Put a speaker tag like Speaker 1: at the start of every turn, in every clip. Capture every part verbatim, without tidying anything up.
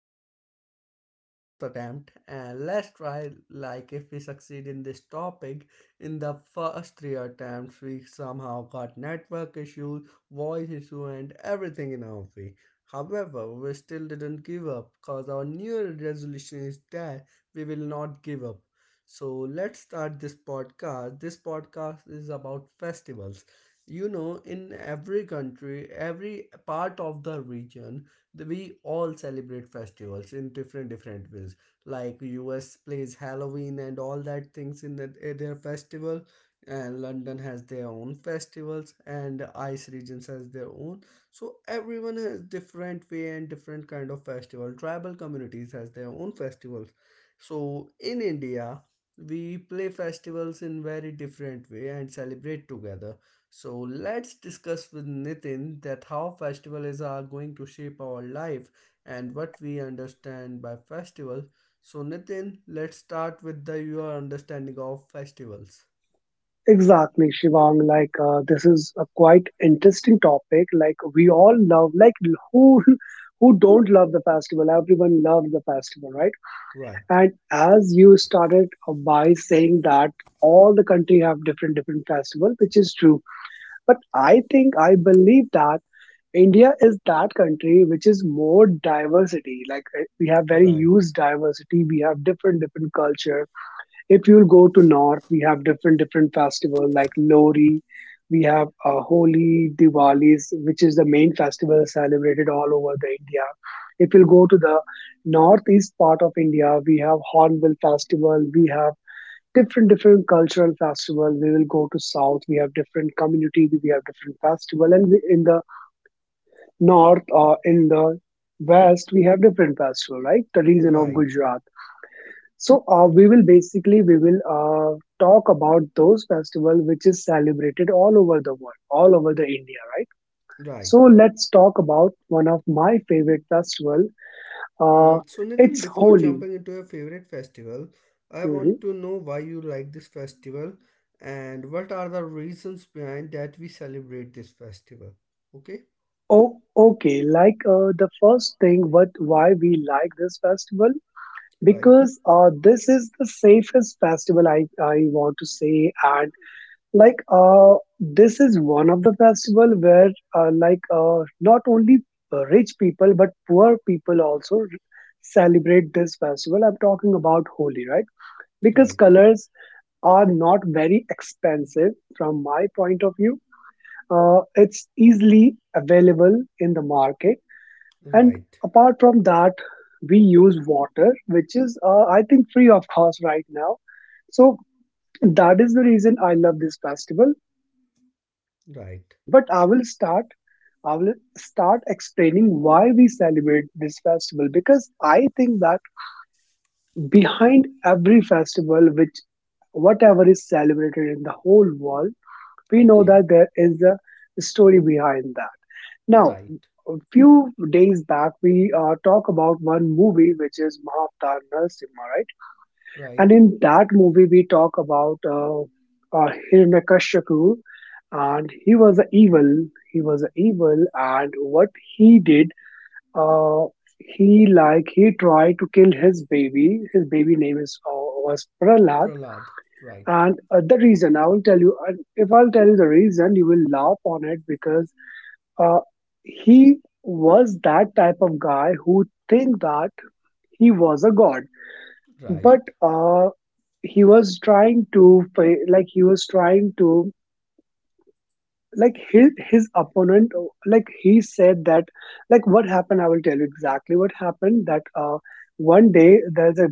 Speaker 1: podcast, it's our fourth attempt. And let's try like if we succeed in this topic. In the first three attempts, we somehow got network issues, voice issue, and everything in our way. However, we still didn't give up because our new resolution is that we will not give up. So let's start this podcast. This podcast is about festivals, you know in every country, every part of the region, the- we all celebrate festivals in different different ways. Like, us plays Halloween and all that things in the, eh, their festival, and London has their own festivals, and the ice regions has their own. So everyone has different way and different kind of festival. Tribal communities has their own festivals. So in India, we play festivals in very different way and celebrate together. So let's discuss with Nitin that how festivals are going to shape our life and what we understand by festival. So Nitin, let's start with the your understanding of festivals.
Speaker 2: Exactly, Shivang. Like, uh, this is a quite interesting topic. Like, we all love, like, who who don't love the festival? Everyone loves the festival, right?
Speaker 1: Right,
Speaker 2: And as you started uh, by saying that all the country have different different festival, which is true. But I think I believe that India is that country which is more diversity. Like, uh, we have very
Speaker 1: right,
Speaker 2: huge diversity. We have different different culture. If you'll go to north, we have different different festival like lori, we have uh, holi, diwalis, which is the main festival celebrated all over the india. If you'll go to the northeast part of india, we have hornbill festival, we have different different cultural festival. We will go to south, we have different community, we have different festival, and we, in the north or in the west, we have different festival, right, the region of
Speaker 1: right,
Speaker 2: gujarat. So uh, we will basically we will uh, talk about those festival which is celebrated all over the world, all over the India, right?
Speaker 1: right.
Speaker 2: So let's talk about one of my favorite festival. Uh,
Speaker 1: Mm, so Nitin,
Speaker 2: it's
Speaker 1: before
Speaker 2: Holi.
Speaker 1: jumping into your favorite festival, I
Speaker 2: Mhm.
Speaker 1: want to know why you like this festival and what are the reasons behind that we celebrate this festival. Okay,
Speaker 2: Oh, okay. Like uh, the first thing, what why we like this festival?
Speaker 1: right,
Speaker 2: Because uh, this is the safest festival I I want to say, like uh, this is one of the festival where uh, like uh, not only uh, rich people but poor people also r- celebrate this festival. I'm talking about holi, right? Because
Speaker 1: right,
Speaker 2: colors are not very expensive from my point of view. Uh, it's easily available in the market, and
Speaker 1: right.
Speaker 2: apart from that, we use water, which is uh, I think free of cost right now. So that is the reason I love this festival.
Speaker 1: Right.
Speaker 2: But i will start I will start explaining why we celebrate this festival, because I think that behind every festival, which whatever is celebrated in the whole world, we know
Speaker 1: Okay.
Speaker 2: that there is a story behind that. Now,
Speaker 1: Right.
Speaker 2: a few days back, we uh, talk about one movie which is Mahavatar Narasimha, right? And
Speaker 1: Right.
Speaker 2: in that movie, we talk about uh, uh, Hiranyakashipu, and he was a evil. He was a evil, and what he did uh, he, like, he tried to kill his baby. His baby name is uh, was Prahlad,
Speaker 1: Pralad. Right.
Speaker 2: and uh, the reason I will tell you. And if I'll tell you the reason, you will laugh on it, because uh, he was that type of guy who think that he was a god,
Speaker 1: Right.
Speaker 2: but uh, he was trying to fa- like he was trying to like his his opponent uh, like he said that, like, what happened, I will tell you exactly what happened, that uh, one day there's a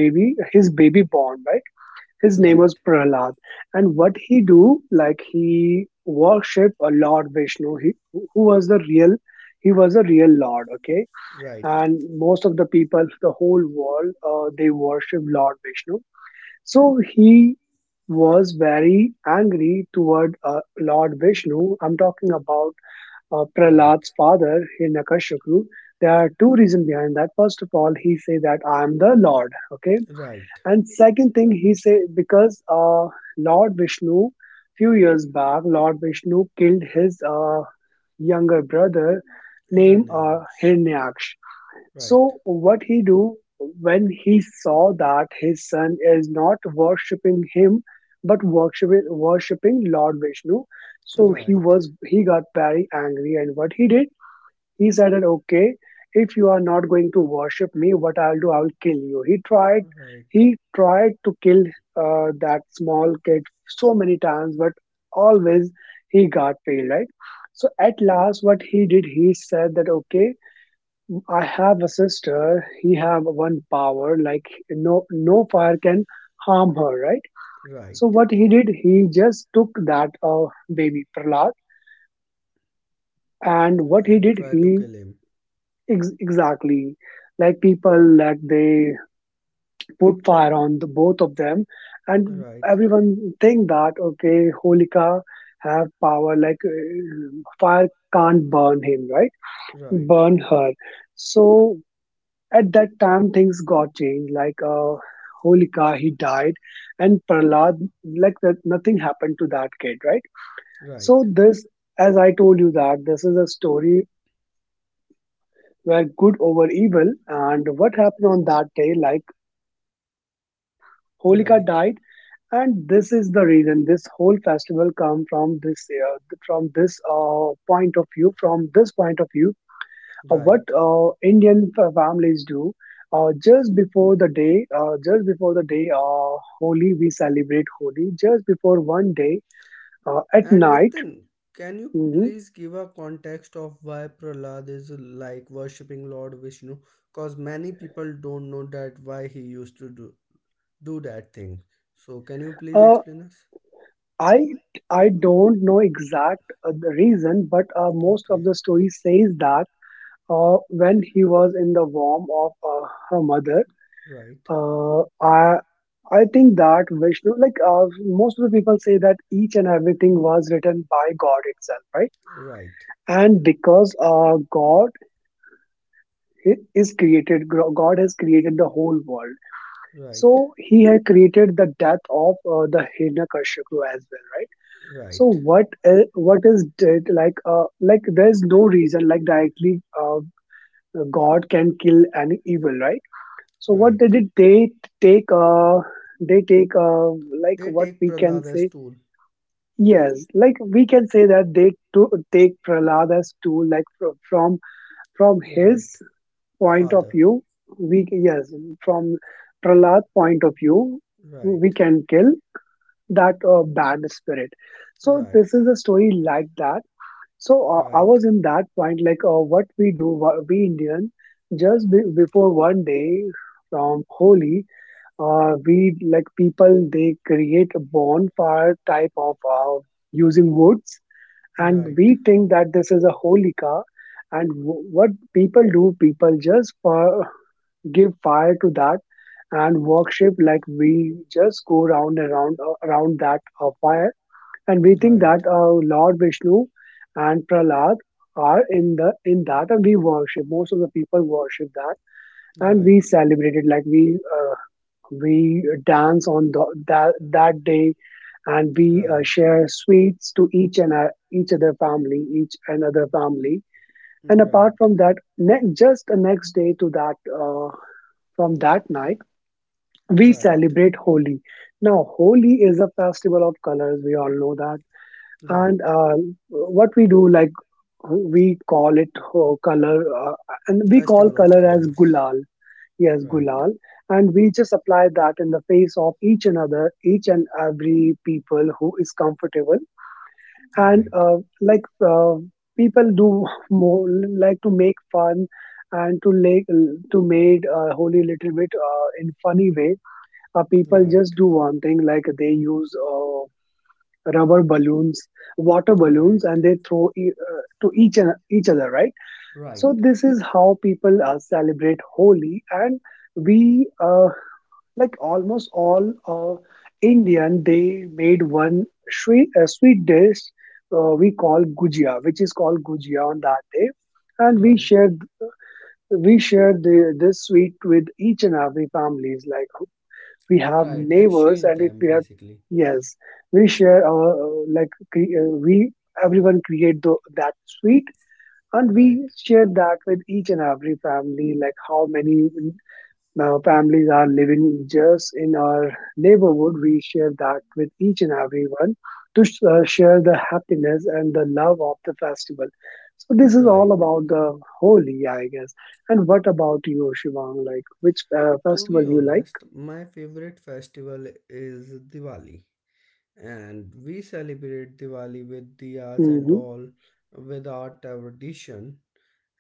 Speaker 2: baby, his baby born, right? His name
Speaker 1: Right.
Speaker 2: was Prahlad, and what he do, like, he worship a Lord Vishnu. He, who was the real, he was a real Lord, okay?
Speaker 1: Right.
Speaker 2: And most of the people, the whole world, uh, they worship Lord Vishnu. So he was very angry toward uh, Lord Vishnu. I'm talking about uh,
Speaker 1: Right.
Speaker 2: Prahlad's father, Hiranyakashipu. There are two reasons behind that. First of all, he say that I am the Lord. Okay,
Speaker 1: Right.
Speaker 2: and second thing he say, because uh, Lord Vishnu, few years back, Lord Vishnu killed his uh, younger brother named uh,
Speaker 1: Hiranyaksh.
Speaker 2: Hiranyaksha.
Speaker 1: Right.
Speaker 2: So what he do when he saw that his son is not worshipping him, but worshiping worshipping Lord Vishnu? So he
Speaker 1: Right.
Speaker 2: was he got very angry, and what he did, he said that okay, if you are not going to worship me, what I'll do, I'll kill you. He tried
Speaker 1: Right.
Speaker 2: he tried to kill uh, that small kid so many times, but always he got failed, right? So at last, what he did, he said that okay, I have a sister. He have one power like no no fire can harm her, right?
Speaker 1: Right.
Speaker 2: So what he did, he just took that uh, baby Prahlad, and what he
Speaker 1: And
Speaker 2: did,
Speaker 1: try to
Speaker 2: he
Speaker 1: kill him.
Speaker 2: ex- exactly, like, people that they put fire on the both of them, and
Speaker 1: Right.
Speaker 2: everyone think that okay, Holika have power like uh, fire can't burn him, right?
Speaker 1: Right.
Speaker 2: Burn her. So at that time, things got changed. Like uh, Holika, he died, and Prahlad, like that, nothing happened to that kid, right? So
Speaker 1: Right.
Speaker 2: this, as I told you, that this is a story where good over evil. And what happened on that day? Like Holika
Speaker 1: Right.
Speaker 2: died, and this is the reason. This whole festival come from this, uh, from this uh, point of view, from this point of view, uh, what
Speaker 1: Right.
Speaker 2: uh, Indian fa- families do. Uh, just before the day, uh, just before the day, uh, Holi, we celebrate Holi. Just before one day, uh, at
Speaker 1: And
Speaker 2: night,
Speaker 1: Nitin, can you
Speaker 2: mhm,
Speaker 1: please give a context of why Pralad is like worshipping Lord Vishnu? Because many people don't know that why he used to do do that thing. So can you please
Speaker 2: uh,
Speaker 1: explain us?
Speaker 2: I I don't know exact uh, the reason, but uh, most of
Speaker 1: Okay,
Speaker 2: the story says that uh, when he was in the womb of uh, her mother,
Speaker 1: right,
Speaker 2: uh, I I think that Vishnu, like uh, most of the people say that each and everything was written by God itself, right?
Speaker 1: right,
Speaker 2: And because uh, god i- is created, gro- god has created the whole world, so
Speaker 1: right,
Speaker 2: he had created the death of uh, the Hiranyakashipu as well, right? So
Speaker 1: right,
Speaker 2: what i- what is dead, like uh, like there's no reason, like directly uh, god can kill an evil, right? So what they
Speaker 1: right.
Speaker 2: did, they t- take uh, they take uh, like
Speaker 1: They
Speaker 2: what
Speaker 1: take
Speaker 2: we can
Speaker 1: Prahlada's
Speaker 2: say,
Speaker 1: tool.
Speaker 2: yes, like we can say that they to take Prahlada's tool, like fro- from from his
Speaker 1: Right,
Speaker 2: point of
Speaker 1: father.
Speaker 2: view, we, yes, from Prahlad's point of view, we
Speaker 1: Right,
Speaker 2: can kill that uh, bad spirit. So
Speaker 1: right,
Speaker 2: this is a story like that. So uh, I
Speaker 1: right,
Speaker 2: was in that point, like uh, what we do, wha- we Indian, just be, before one day from Holi, uh, we, like, people they create a bonfire type of uh, using woods, and
Speaker 1: right,
Speaker 2: we think that this is a Holika. And w- what people do, people just for give fire to that and worship, like we just go round and round uh, around that uh, fire, and
Speaker 1: right,
Speaker 2: we think
Speaker 1: right,
Speaker 2: that uh, Lord Vishnu and Prahlad are in the in that, and we worship, most of the people worship that, and we celebrate it, like we uh, we dance on the, that that day, and we uh,
Speaker 1: right,
Speaker 2: share sweets to each and uh, each other family, each another family. And apart
Speaker 1: right,
Speaker 2: from that, ne- just the next day to that, uh, from that night, we
Speaker 1: right,
Speaker 2: celebrate Holi. Now, Holi is a festival of colors. We all know that. And
Speaker 1: right.
Speaker 2: uh, what we do, like we call it uh, color, uh, and we call
Speaker 1: Festival of
Speaker 2: color as
Speaker 1: colors.
Speaker 2: gulal. Yes,
Speaker 1: Right,
Speaker 2: gulal, and we just apply that in the face of each another, each and every people who is comfortable. And
Speaker 1: right,
Speaker 2: uh, like uh, people do more like to make fun and to like to made uh, Holi little bit uh, in funny way, uh, people just
Speaker 1: right,
Speaker 2: do one thing, like they use uh, rubber balloons, water
Speaker 1: right,
Speaker 2: balloons, and they throw e- uh, to each an- each other, right?
Speaker 1: right,
Speaker 2: So this is how people uh, celebrate Holi. And we uh, like almost all uh, Indian, they made one sweet, uh, sweet dish, uh, we call gujia, which is called gujia on that day, and we
Speaker 1: right,
Speaker 2: shared we shared the, this sweet with each and every families. Like we have
Speaker 1: right.
Speaker 2: neighbors,
Speaker 1: Exchange
Speaker 2: and if
Speaker 1: them
Speaker 2: we have,
Speaker 1: basically.
Speaker 2: yes, we share our uh, like cre- uh, we, everyone create the that sweet, and
Speaker 1: Right,
Speaker 2: we share that with each and every family, like how many uh, families are living just in our neighborhood, we share that with each and everyone to sh- uh, share the happiness and the love of the festival. So this is all
Speaker 1: right.
Speaker 2: about the holy I guess. And what about you, Shivang, like which uh,
Speaker 1: To
Speaker 2: festival
Speaker 1: be
Speaker 2: you like?
Speaker 1: honest, my favorite festival is Diwali, and we celebrate Diwali with diyas and
Speaker 2: Hmm,
Speaker 1: all with our tradition.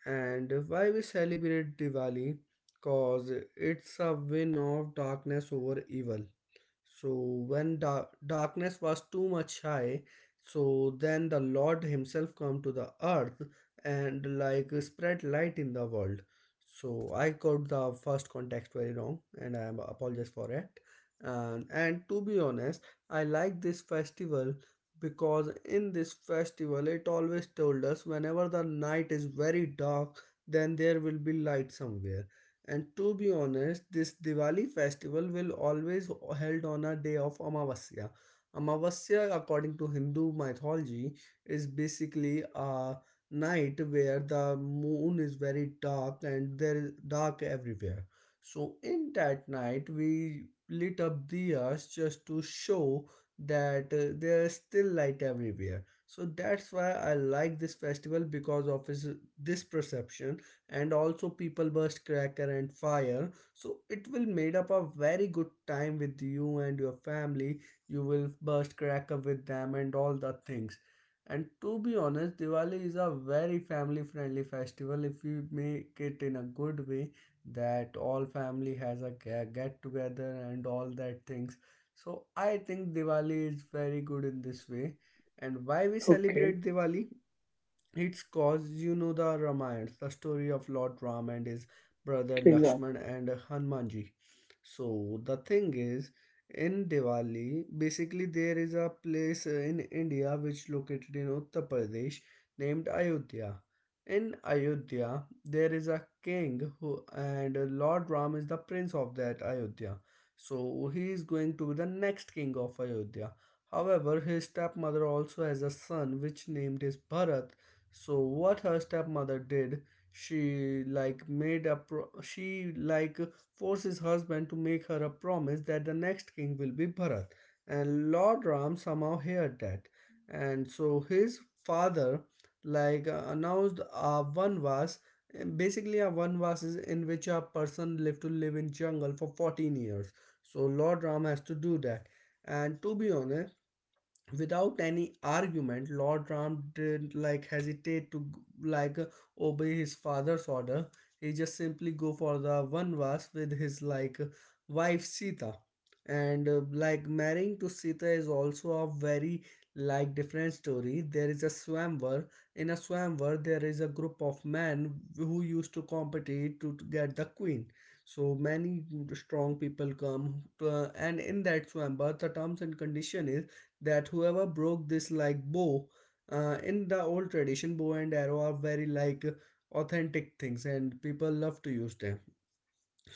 Speaker 1: And why we celebrate Diwali? Cause it's a win of darkness over evil. So when the darkness was too much high, so then the Lord himself come to the earth and like spread light in the world. So I got the first context very wrong and I am apologize for it. And and to be honest, I like this festival because in this festival it always told us whenever the night is very dark, then there will be light somewhere. And to be honest, this Diwali festival will always held on a day of Amavasya. Amavasya, according to Hindu mythology, is basically a night where the moon is very dark and there is dark everywhere. So in that night, we lit up diyas just to show that uh, there is still light everywhere. So that's why I like this festival because of his, this perception. And also people burst cracker and fire, so it will made up a very good time with you and your family. You will burst cracker with them and all the things. And to be honest, Diwali is a very family friendly festival if you make it in a good way that all family has a get together and all that things. So I think Diwali is very good in this way. And why we
Speaker 2: okay.
Speaker 1: celebrate Diwali? It's cause you know the Ramayana, the story of Lord Ram and his brother
Speaker 2: Exact.
Speaker 1: Lakshman and Hanumanji. So the thing is, in Diwali, basically there is a place in India which located in Uttar Pradesh named Ayodhya. In Ayodhya, there is a king who and Lord Ram is the prince of that Ayodhya. So he is going to be the next king of Ayodhya. However, his stepmother also has a son which named is Bharat. So what her stepmother did, she like made a pro- she like forces husband to make her a promise that the next king will be Bharat, and Lord Ram somehow heard that. And so his father like uh, announced a vanvas, and basically a vanvas is in which a person lived to live in jungle for fourteen years, so Lord Ram has to do that. And to be honest, without any argument, Lord Ram didn't like hesitate to like obey his father's order. He just simply go for the vanvas with his like wife Sita. And uh, like marrying to Sita is also a very like different story. There is a swamvar. In a swamvar, there is a group of men who used to compete to, to get the queen. So many strong people come to, uh, and in that swamvar the terms and condition is that whoever broke this like bow, uh, in the old tradition bow and arrow are very like authentic things and people love to use them.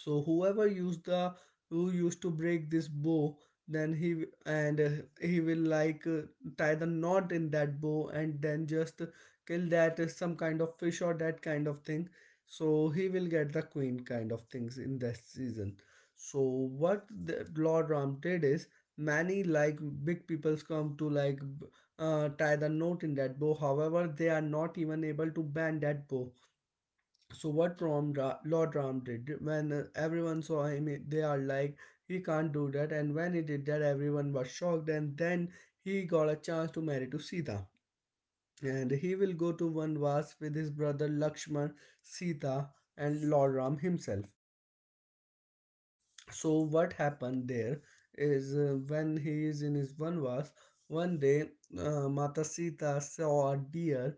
Speaker 1: So whoever used the who used to break this bow, then he w- and uh, he will like uh, tie the knot in that bow, and then just kill that uh, some kind of fish or that kind of thing, so he will get the queen kind of things in that season. So what the Lord Ram did is many like big peoples come to like b- uh, tie the knot in that bow. However, they are not even able to bend that bow. So what Rom Ra- Lord Ram did, when uh, everyone saw him, he- they are like, he can't do that. And when he did that, everyone was shocked. And then he got a chance to marry to Sita, and he will go to Vanvas with his brother Lakshman, Sita, and Lord Ram himself. So what happened there is, uh, when he is in his vanvas one day uh, Mata Sita saw a deer,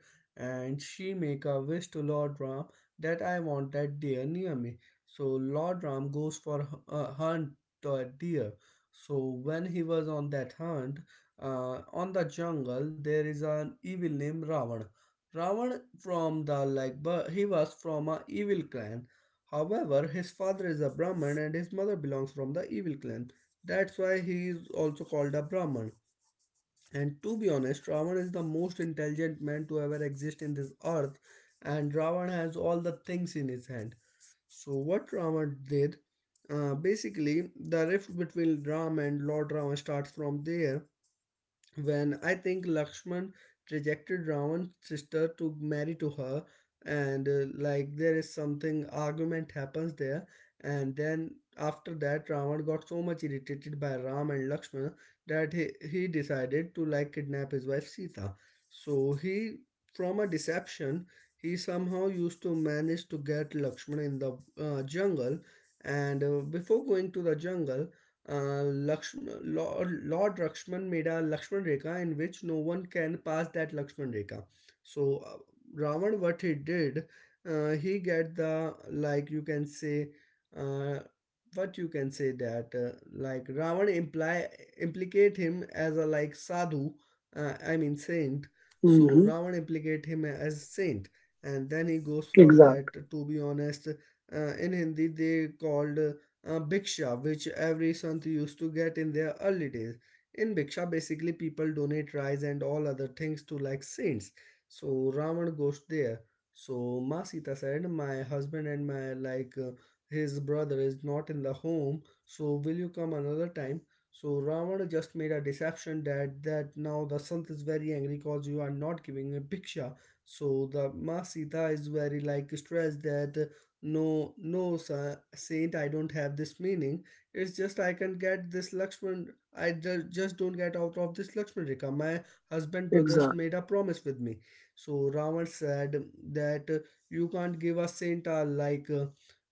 Speaker 1: and she make a wish to Lord Ram that I want that deer near me. So Lord Ram goes for h- a hunt the deer. So when he was on that hunt, uh, on the jungle there is an evil named Ravan. Ravan from the, like, but he was from a evil clan. However, his father is a Brahman and his mother belongs from the evil clan. That's why he is also called a Brahman. And to be honest, Ravan is the most intelligent man to ever exist in this earth, and Ravan has all the things in his hand. So, what Ravan did, uh, basically, the rift between Ram and Lord Ravan starts from there when I think Lakshman rejected Ravan's sister to marry to her, and uh, like there is something argument happens there. And then after that Ravan got so much irritated by Ram and Lakshman that he, he decided to like kidnap his wife Sita. So he from a deception he somehow used to manage to get Lakshman in the uh, jungle. And uh, before going to the jungle, uh, Lakshman, Lord, Lord Lakshman made a Lakshman Rekha in which no one can pass that Lakshman Rekha. So uh, Ravan, what he did, uh, he get the like you can say, uh, what you can say that uh, like Ravan imply implicate him as a like sadhu, uh, I mean saint. So
Speaker 2: Hmm.
Speaker 1: Ravan implicate him as saint, and then he goes for
Speaker 2: Exact.
Speaker 1: that. To be honest, uh, in Hindi they called, uh, uh, bhiksha, which every sant used to get in their early days. In bhiksha, basically people donate rice and all other things to like saints. So Ravan goes there. So Ma Sita said my husband and my like uh, his brother is not in the home, so will you come another time. So Ravana just made a deception that that now the Sant is very angry because you are not giving a bhiksha. So the Ma Sita is very like stressed that no, no, sa- saint, I don't have this meaning. It's just I can't get this Lakshman. I just, just don't get out of this Lakshman Rekha. My husband brothers
Speaker 2: Exact.
Speaker 1: made a promise with me. So Ravan said that uh, you can't give a saint uh, like uh,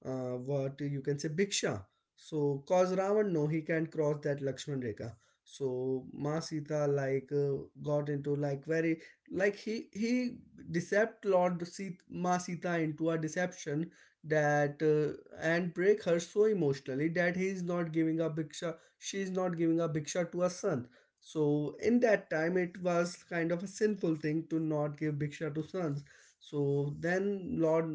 Speaker 1: uh, what you can say Bhiksha. So cause Ravan no, he can't cross that Lakshman Rekha. So Ma Sita, like, uh, got into like, very like, he he deceived Lord Sita, Ma Sita, into a deception that, uh, and break her so emotionally that he is not giving a bhiksha, she is not giving a bhiksha to her son. So in that time it was kind of a sinful thing to not give bhiksha to sons. So then Lord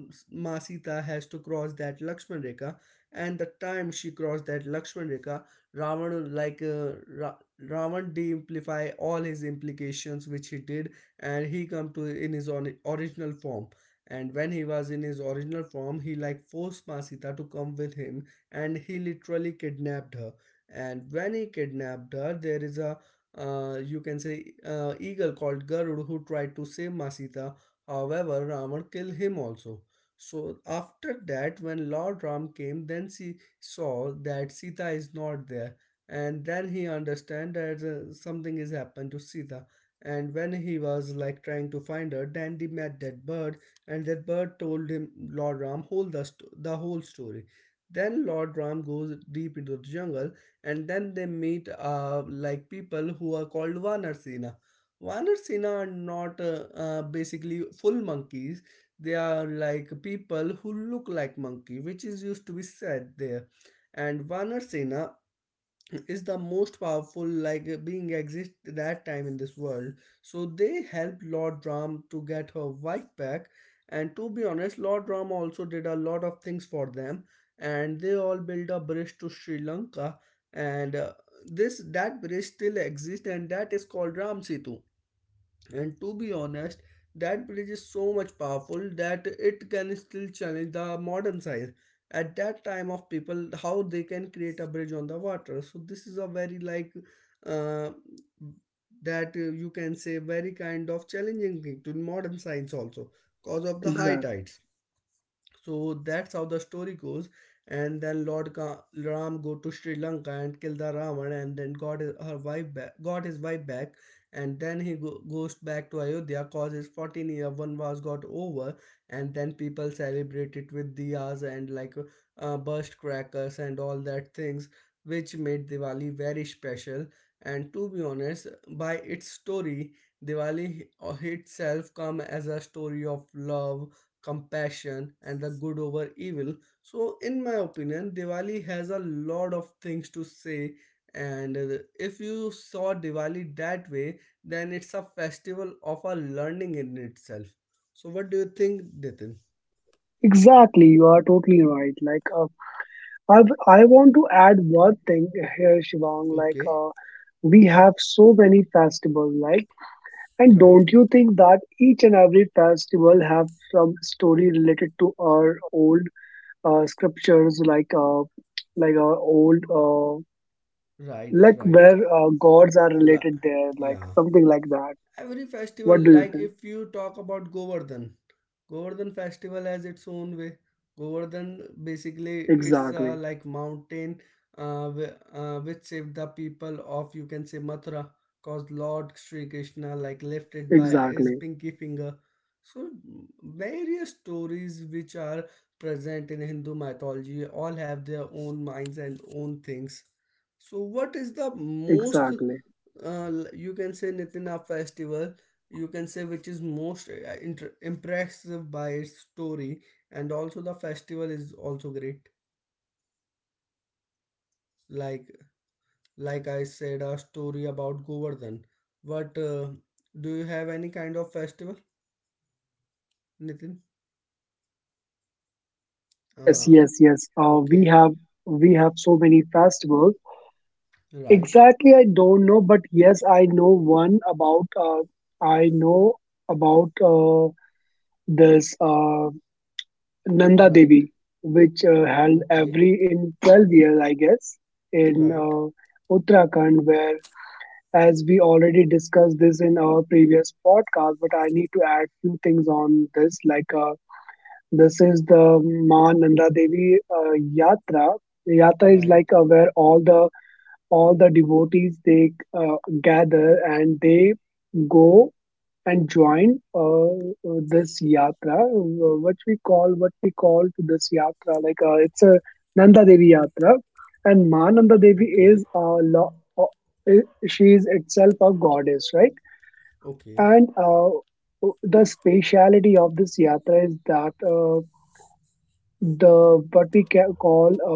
Speaker 1: masita has to cross that Lakshman Rekha. And the time she crossed that Lakshman Rekha, Ravan, like, uh, Ra- Ravan de-amplify all his implications which he did, and he come to in his on- original form. And when he was in his original form, he like forced masita to come with him, and he literally kidnapped her. And when he kidnapped her, there is a, uh, you can say, uh, eagle called Garud, who tried to save masita however, Ravan killed him also. So after that, when Lord Ram came, then she saw that Sita is not there, and then he understand that uh, something is happened to Sita. And when he was like trying to find her, Dandy met that bird, and that bird told him Lord Ram whole the, st- the whole story. Then Lord Ram goes deep into the jungle, and then they meet, uh, like, people who are called Vanar Sena. Vanarsena. Sena are not, uh, uh, basically full monkeys. They are like people who look like monkey, which is used to be said there. And Vanar Sena is the most powerful like being exist that time in this world. So they helped Lord Ram to get her wife back. And to be honest, Lord Ram also did a lot of things for them, and they all built a bridge to Sri Lanka. And uh, this, that bridge still exists, and that is called Ram Setu. And to be honest, that bridge is so much powerful that it can still challenge the modern science at that time of people, how they can create a bridge on the water. So this is a very like uh, that uh, you can say very kind of challenging thing to modern science also, cause of the high
Speaker 2: Exact.
Speaker 1: tides. So that's how the story goes. And then Lord Ga- Ram go to Sri Lanka and kill the Ravan, and then got his, her wife back, got his wife back, and then he go- goes back to Ayodhya, cause his fourteen year vanvas got over, and then people celebrate it with diyas and like uh, burst crackers and all that things, which made Diwali very special. And to be honest, by its story, Diwali uh, itself come as a story of love, compassion, and the good over evil. So in my opinion, Diwali has a lot of things to say. And uh, if you saw Diwali that way, then it's a festival of a learning in itself. So what do you think, Nitin?
Speaker 2: Exactly. You are totally right. Like, uh, I I want to add one thing here, Shivang. Like,
Speaker 1: Okay.
Speaker 2: uh, we have so many festivals. Like, and
Speaker 1: Right,
Speaker 2: don't you think that each and every festival have some story related to our old uh, scriptures? Like, uh, like our old uh,
Speaker 1: right,
Speaker 2: like
Speaker 1: right.
Speaker 2: where uh, gods are
Speaker 1: La-
Speaker 2: related there. Like
Speaker 1: yeah,
Speaker 2: something like that.
Speaker 1: every festival,
Speaker 2: What do you
Speaker 1: like
Speaker 2: think?
Speaker 1: if you talk about Govardhan, Govardhan festival has its own way. Govardhan basically it's uh,
Speaker 2: Exactly.
Speaker 1: like mountain, uh, wh- uh, which saved the people of, you can say, Mathura, cause Lord Sri Krishna like lifted by his
Speaker 2: Exactly.
Speaker 1: pinky finger. So various stories which are present in Hindu mythology all have their own minds and own things. So what is the most uh,
Speaker 2: Exactly.
Speaker 1: l- you can say, Nitina festival you can say, which is most uh, inter- impressive by its story, and also the festival is also great. Like like I said a story about Govardhan, but uh, do you have any kind of festival, Nitin?
Speaker 2: Yes,
Speaker 1: uh,
Speaker 2: yes, yes. Uh, we
Speaker 1: okay.
Speaker 2: have we have so many festivals.
Speaker 1: Right,
Speaker 2: Exactly, I don't know, but yes, I know one about. Uh, I know about uh, this uh, Nanda
Speaker 1: right.
Speaker 2: Devi, which uh, held
Speaker 1: Okay.
Speaker 2: every in twelve years, I guess, in
Speaker 1: Right,
Speaker 2: uh, Uttarakhand, where, as we already discussed this in our previous podcast, but I need to add few things on this, like. Uh, This is the Ma Nanda Devi uh, Yatra. Yatra is like
Speaker 1: right.
Speaker 2: uh, where all the all the devotees, they uh, gather and they go and join uh, uh, this yatra, uh, which we call, what we call to this yatra. Like uh, it's a Nanda Devi Yatra, and Ma Nanda Devi
Speaker 1: Okay,
Speaker 2: is a lo- uh, she is itself a goddess, right?
Speaker 1: okay,
Speaker 2: And uh, the speciality of this yatra is that. Uh, the what we ca call a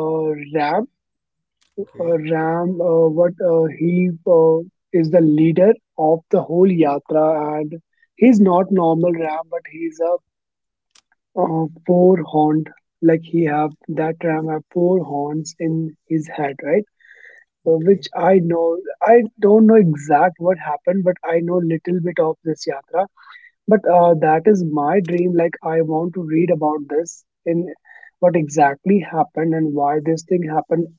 Speaker 2: Ram, a
Speaker 1: okay,
Speaker 2: Ram, uh, what uh, he uh, is the leader of the whole yatra, and he's not normal Ram, but he's a uh, four horned. Like he have that Ram have four horns in his head, right? Uh, Which
Speaker 1: okay,
Speaker 2: I know, I don't know exact what happened, but I know little bit of this yatra, but uh, that is my dream. Like, I want to read about this, in what exactly happened and why this thing happened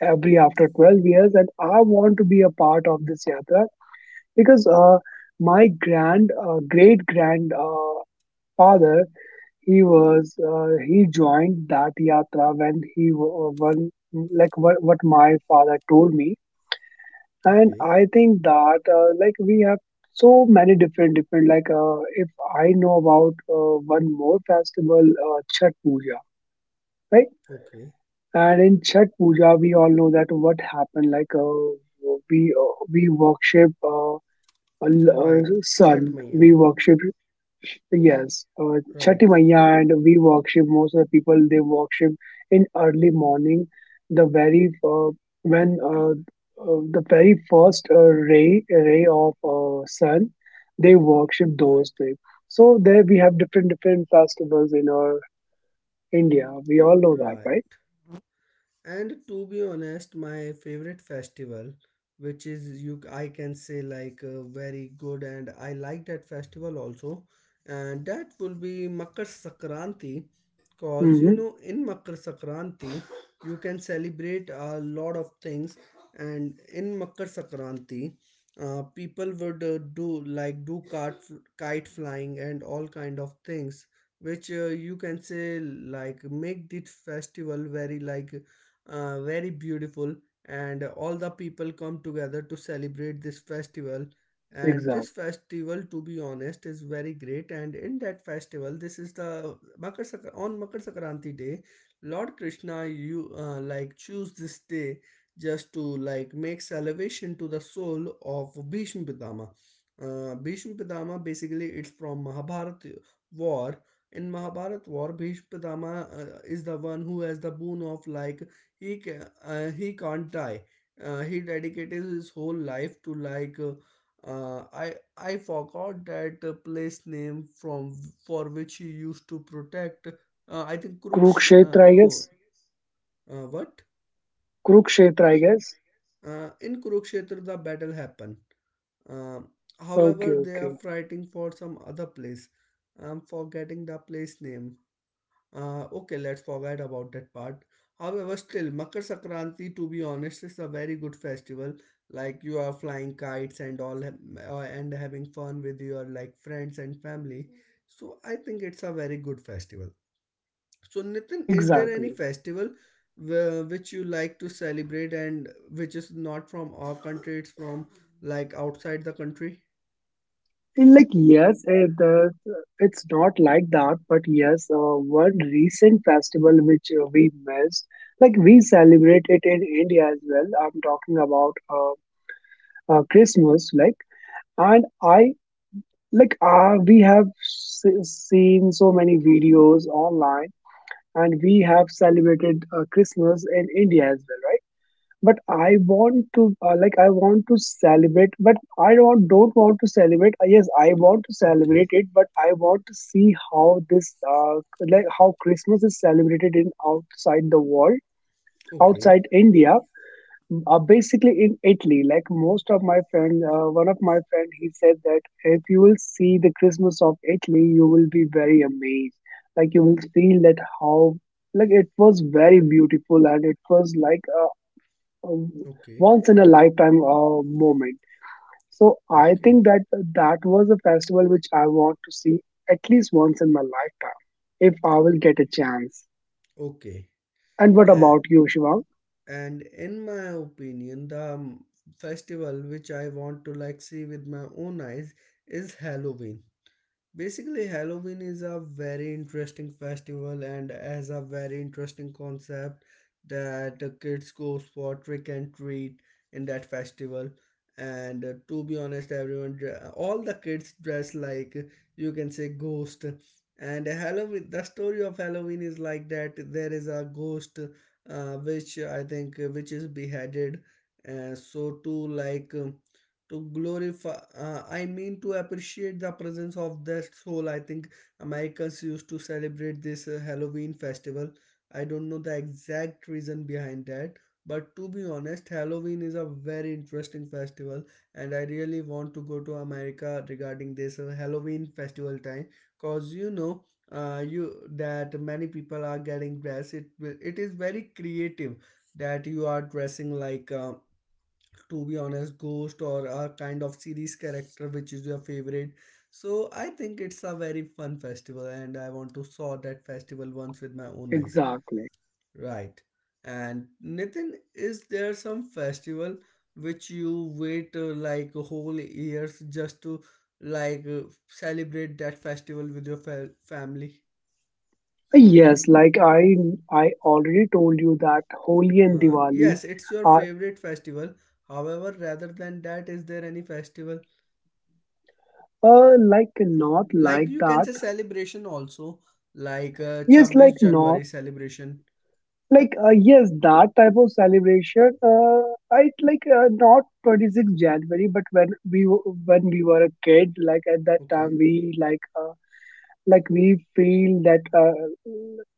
Speaker 2: every after twelve years. And I want to be a part of this yatra because uh, my grand, uh, great grand uh, father, he was, uh, he joined that yatra when he wa- uh, when, like, what, what my father told me. And
Speaker 1: okay,
Speaker 2: I think that uh, like we have so many different different like, uh, if I know about uh, one more festival, uh, chat puja, right?
Speaker 1: okay.
Speaker 2: And in Chhat Puja we all know that what happened. Like uh, we uh, we worship uh, a l-
Speaker 1: Right.
Speaker 2: uh,
Speaker 1: Chhat
Speaker 2: sun,
Speaker 1: Maiya.
Speaker 2: we worship, yes, uh, Chhati
Speaker 1: Right,
Speaker 2: Maiya, and we worship, most of the people they worship in early morning, the very, uh, when uh, uh, the very first uh, ray ray of uh, sun, they worship
Speaker 1: right,
Speaker 2: those things. So there we have different different festivals in our India. We all know that, right?
Speaker 1: right. And to be honest, my favorite festival, which is, you, I can say, like uh, very good, and I like that festival also, and that will be Makar Sakranti, cause, you
Speaker 2: Mm-hmm.
Speaker 1: know in Makar Sakranti you can celebrate a lot of things, and in Makar Sakranti, uh, people would uh, do like do kart, kite flying and all kind of things, which uh, you can say like make this festival very like uh, very beautiful. And all the people come together to celebrate this festival, and this
Speaker 2: Exactly.
Speaker 1: festival, to be honest, is very great. And in that festival, this is the Makar Sakra- on Makar Sakranti day, Lord Krishna, you, uh, like, choose this day just to like make salvation to the soul of Bhishma Pitama. uh, Bhishma Pitama basically it's from Mahabharat war. In Mahabharat war, Bhishma Pitama uh, is the one who has the boon of, like, he ca- uh, he can't die. Uh, he dedicated his whole life to like uh, uh, i i forgot that uh, place name from for which he used to protect. uh, I think Kuruksh uh,
Speaker 2: Kurukshetra, I
Speaker 1: no,
Speaker 2: guess.
Speaker 1: uh, what,
Speaker 2: Kurukshetra, I guess.
Speaker 1: uh, in Kurukshetra the battle happened. um,
Speaker 2: Okay,
Speaker 1: However, they are
Speaker 2: okay.
Speaker 1: fighting for some other place. I'm forgetting the place name. Uh, okay, let's forget about that part. However, still, Makar Sankranti, to be honest, is a very good festival. Like, you are flying kites and all, ha- uh, and having fun with your like friends and family. So I think it's a very good festival. So Nitin, is there any
Speaker 2: Exactly.
Speaker 1: festival wh- which you like to celebrate and which is not from our country? It's from like outside the country.
Speaker 2: Like yes, eh, the it's not like that, but yes, uh, one recent festival which uh, we missed, like we celebrate it in India as well. I'm talking about uh, uh, Christmas, like, and I like, uh, we have se- seen so many videos online, and we have celebrated uh, Christmas in India as well, right? But I want to, uh, like, I want to celebrate, but I don't, don't want to celebrate. Uh, Yes, I want to celebrate
Speaker 1: Okay,
Speaker 2: it, but I want to see how this, uh, like, how Christmas is celebrated in outside the world, outside
Speaker 1: okay,
Speaker 2: India, uh, basically in Italy. Like most of my friend, uh, one of my friend, he said that if you will see the Christmas of Italy, you will be very amazed. Like you will feel that how like it was very beautiful and it was like uh, um,
Speaker 1: okay,
Speaker 2: once in a lifetime uh, moment. So I
Speaker 1: okay,
Speaker 2: think that that was a festival which I want to see at least once in my lifetime if I will get a chance.
Speaker 1: okay.
Speaker 2: And what
Speaker 1: Uh,
Speaker 2: about you, Shivang?
Speaker 1: and in my opinion, the um, festival which I want to like see with my own eyes is Halloween. Basically, Halloween is a very interesting festival and has a very interesting concept that the kids goes for trick and treat in that festival. And uh, to be honest, everyone, dre- all the kids dress like, uh, you can say, ghost. And Halloween, the story of Halloween is like that. There is a ghost, uh, which I think, uh, which is beheaded. Uh, so to like, um, to glorify, uh, I mean, to appreciate the presence of that soul. I think Americans used to celebrate this, uh, Halloween festival. I don't know the exact reason behind that, but to be honest, Halloween is a very interesting festival, and I really want to go to America regarding this uh, Halloween festival time. Cause, you know uh, you, that many people are getting dressed, it will- it is very creative that you are dressing like, um, to be honest, ghost, or a kind of series character which is your favorite. So I think it's a very fun festival, and I want to saw that festival once with my own eyes.
Speaker 2: Exactly.
Speaker 1: Right. And Nitin, is there some festival which you wait, uh, like, whole years just to like uh, celebrate that festival with your fa- family?
Speaker 2: Yes, like I I already told you that Holi and
Speaker 1: Uh,
Speaker 2: Diwali
Speaker 1: yes, it's your
Speaker 2: are
Speaker 1: favorite festival. However, rather than that, is there any festival,
Speaker 2: uh, like not
Speaker 1: like
Speaker 2: like
Speaker 1: you can
Speaker 2: that.
Speaker 1: say celebration also, like uh,
Speaker 2: Yes,
Speaker 1: 26
Speaker 2: like
Speaker 1: January
Speaker 2: not
Speaker 1: celebration?
Speaker 2: like, uh, yes, that type of celebration. Uh, I like uh, not twenty sixth January, but when we w- when we were a kid, like at that
Speaker 1: Okay,
Speaker 2: time, we like uh, like we feel that uh,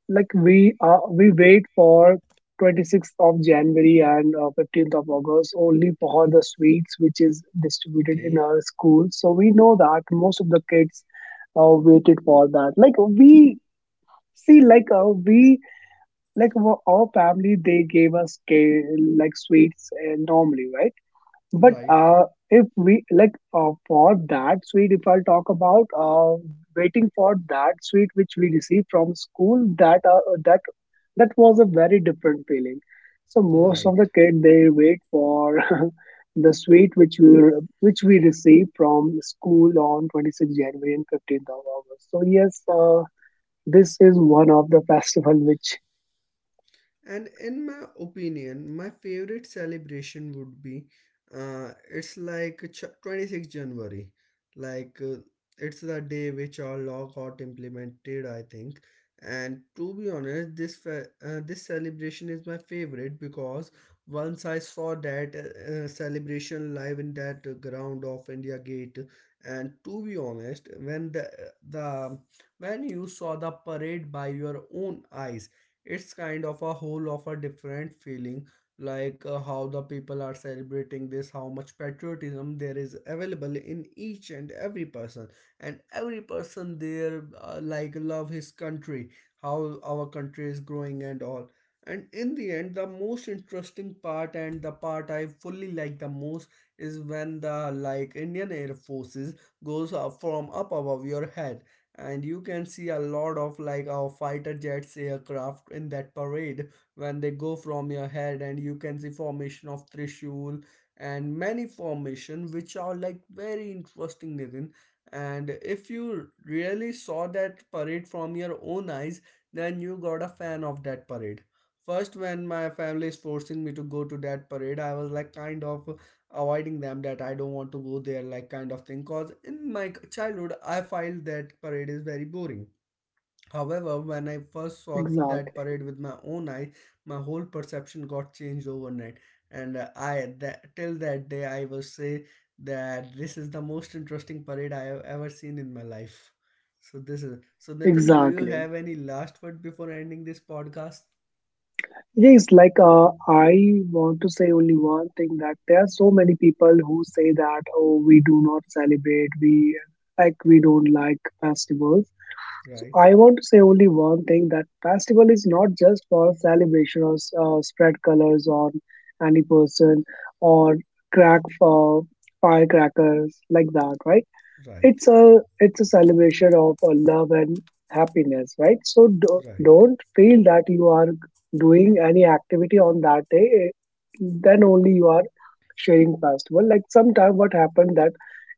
Speaker 2: like we, uh, we wait for twenty sixth of January and uh, fifteenth of August only for the sweets which is distributed in
Speaker 1: okay,
Speaker 2: our school. So we know that most of the kids uh, waited for that. Like we see, like uh, we, like, wo- our family, they gave us ca- like sweets uh, normally, right? But
Speaker 1: right,
Speaker 2: uh if we like uh, for that sweet, if I'll talk about uh waiting for that sweet which we received from school, that uh, that that was a very different feeling. So most of the
Speaker 1: right.
Speaker 2: kid they wait for the sweet which we which we receive from school on twenty sixth January and fifteenth of August. So yes, uh, this is one of the festival which
Speaker 1: And in my opinion, my favorite celebration would be, uh, it's like ch- twenty-sixth January. Like, uh, it's the day which our law got implemented, I think. And to be honest, this fe- uh, this celebration is my favorite because once I saw that uh, uh, celebration live in that uh, ground of India Gate. And to be honest, when the the when you saw the parade by your own eyes, it's kind of a whole of a different feeling, like uh, how the people are celebrating this, how much patriotism there is available in each and every person, and every person there uh, like love his country, how our country is growing and all. And in the end, the most interesting part, and the part I fully like the most, is when the like Indian Air Forces goes up from up above your head, and you can see a lot of like our fighter jets aircraft in that parade. When they go from your head, and you can see formation of Trishul and many formation which are like very interesting, Nitin. And if you really saw that parade from your own eyes, then you got a fan of that parade. First, when my family is forcing me to go to that parade, I was like kind of avoiding them, that I don't want to go there, like kind of thing. Cause in my childhood, I felt that parade is very boring. However, when I first saw that
Speaker 2: exactly.
Speaker 1: parade with my own eyes, my whole perception got changed overnight. And uh, I that, till that day, I will say that this is the most interesting parade I have ever seen in my life. So this is so, Nathan. Do you
Speaker 2: Exactly.
Speaker 1: have any last word before ending this podcast?
Speaker 2: Yes, like uh, I want to say only one thing, that there are so many people who say that, oh, we do not celebrate, we like, we don't like festivals. So
Speaker 1: Right,
Speaker 2: I want to say only one thing, that festival is not just for celebration or uh, spread colors on any person or crack for firecrackers like that, right?
Speaker 1: right,
Speaker 2: it's a it's a celebration of uh, love and happiness, right? So do,
Speaker 1: right,
Speaker 2: don't feel that you are doing any activity on that day, eh, then only you are sharing festival. Like sometime what happened that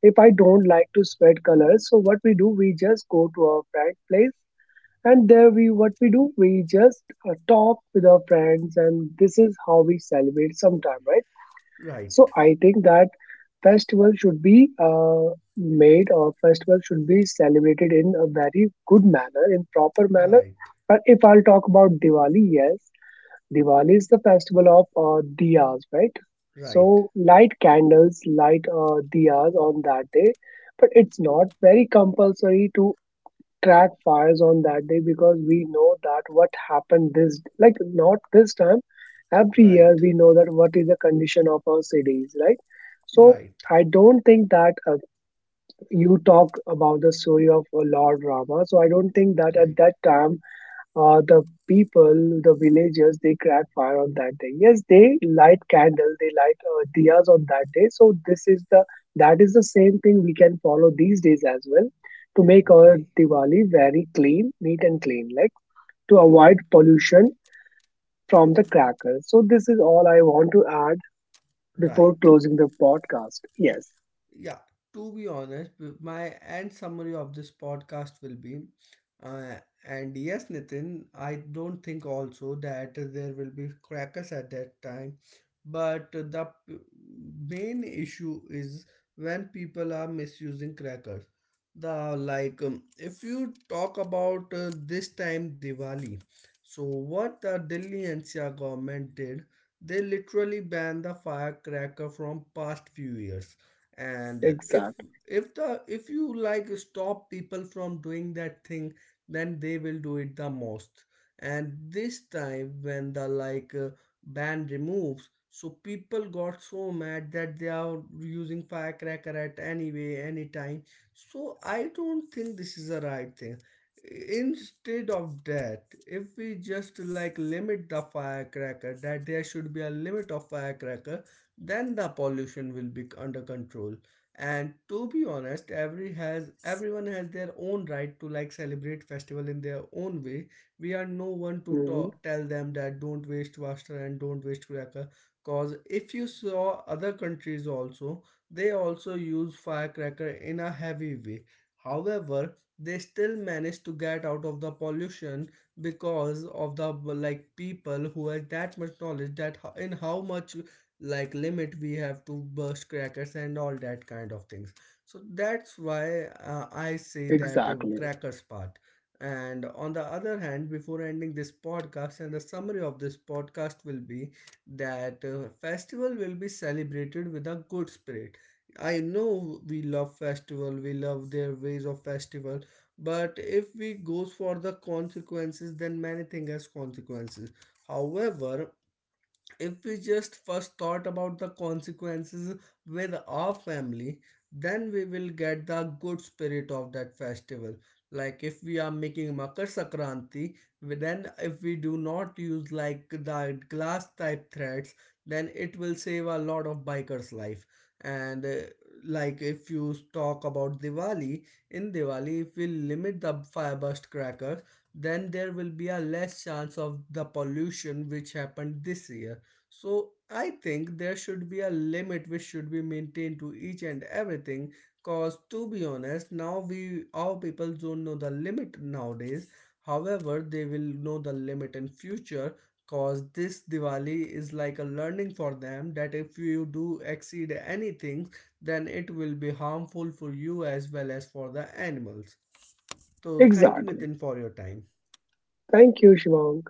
Speaker 2: if I don't like to spread colors, so what we do, we just go to our friend place, and there we what we do, we just uh, talk with our friends, and this is how we celebrate sometime right?
Speaker 1: right,
Speaker 2: So I think that festival should be uh, made, or festival should be celebrated in a very good manner, in proper manner.
Speaker 1: right,
Speaker 2: But if I'll talk about Diwali, yes, Diwali is the festival of uh, diyas, right?
Speaker 1: right.
Speaker 2: So light candles, light uh, diyas on that day, but it's not very compulsory to crack fires on that day, because we know that what happened, this, like not this time, every year
Speaker 1: Right.
Speaker 2: we know that what is the condition of our cities, right? So
Speaker 1: Right.
Speaker 2: I don't think that, uh, you talk about the story of a lord Rama, so I don't think that at
Speaker 1: Right.
Speaker 2: that time uh, the people, the villagers, they crack fire on that day. Yes, they light candle, they light uh, diyas on that day. So this is the, that is the same thing we can follow these days as well, to make our
Speaker 1: Okay.
Speaker 2: Diwali very clean, neat and clean, like to avoid pollution from the crackers. So this is all I want to add before
Speaker 1: Right.
Speaker 2: closing the podcast. Yes,
Speaker 1: Yeah, to be honest, w- my end summary of this podcast will be, uh, and yes Nitin, I don't think also that there will be crackers at that time. But the p- main issue is when people are misusing crackers, the like, um, if you talk about uh, this time Diwali, so what the Delhi N C R government did, they literally banned the firecracker from past few years. And if
Speaker 2: exactly.
Speaker 1: if the if you like stop people from doing that thing, then they will do it the most. And this time, when the like uh, ban removes, so people got so mad that they are using firecracker at any way, anytime. So I don't think this is a right thing. Instead of that, if we just like limit the firecracker, that there should be a limit of firecracker, then the pollution will be under control. And to be honest, every has everyone has their own right to like celebrate festival in their own way. We are no one to ta- tell them that, don't waste water and don't waste cracker. Cause if you saw other countries also, they also use firecracker in a heavy way. However, they still manage to get out of the pollution because of the like people who has that much knowledge that ho- in how much like limit we have to burst crackers and all that kind of things. So that's why uh, I say that uh,
Speaker 2: Exactly.
Speaker 1: crackers part. And on the other hand, before ending this podcast, and the summary of this podcast will be that uh, festival will be celebrated with a good spirit. I know we love festival, we love their ways of festival, but if we goes for the consequences, then many things has consequences. However, if we just first thought about the consequences with our family, then we will get the good spirit of that festival. Like if we are making Makar Sakranti, we- then if we do not use like the glass type threads, then it will save a lot of bikers life. And uh, like if you talk about Diwali, in Diwali if we limit the fire burst crackers, then there will be a less chance of the pollution which happened this year. So I think there should be a limit which should be maintained to each and everything. Cause to be honest, now we, our people don't know the limit nowadays. However, they will know the limit in future. Cause this Diwali is like a learning for them that if you do exceed anything, then it will be harmful for you as well as for the animals. So thank you,
Speaker 2: Exactly.
Speaker 1: Nitin, for your time.
Speaker 2: Thank you, Shivang.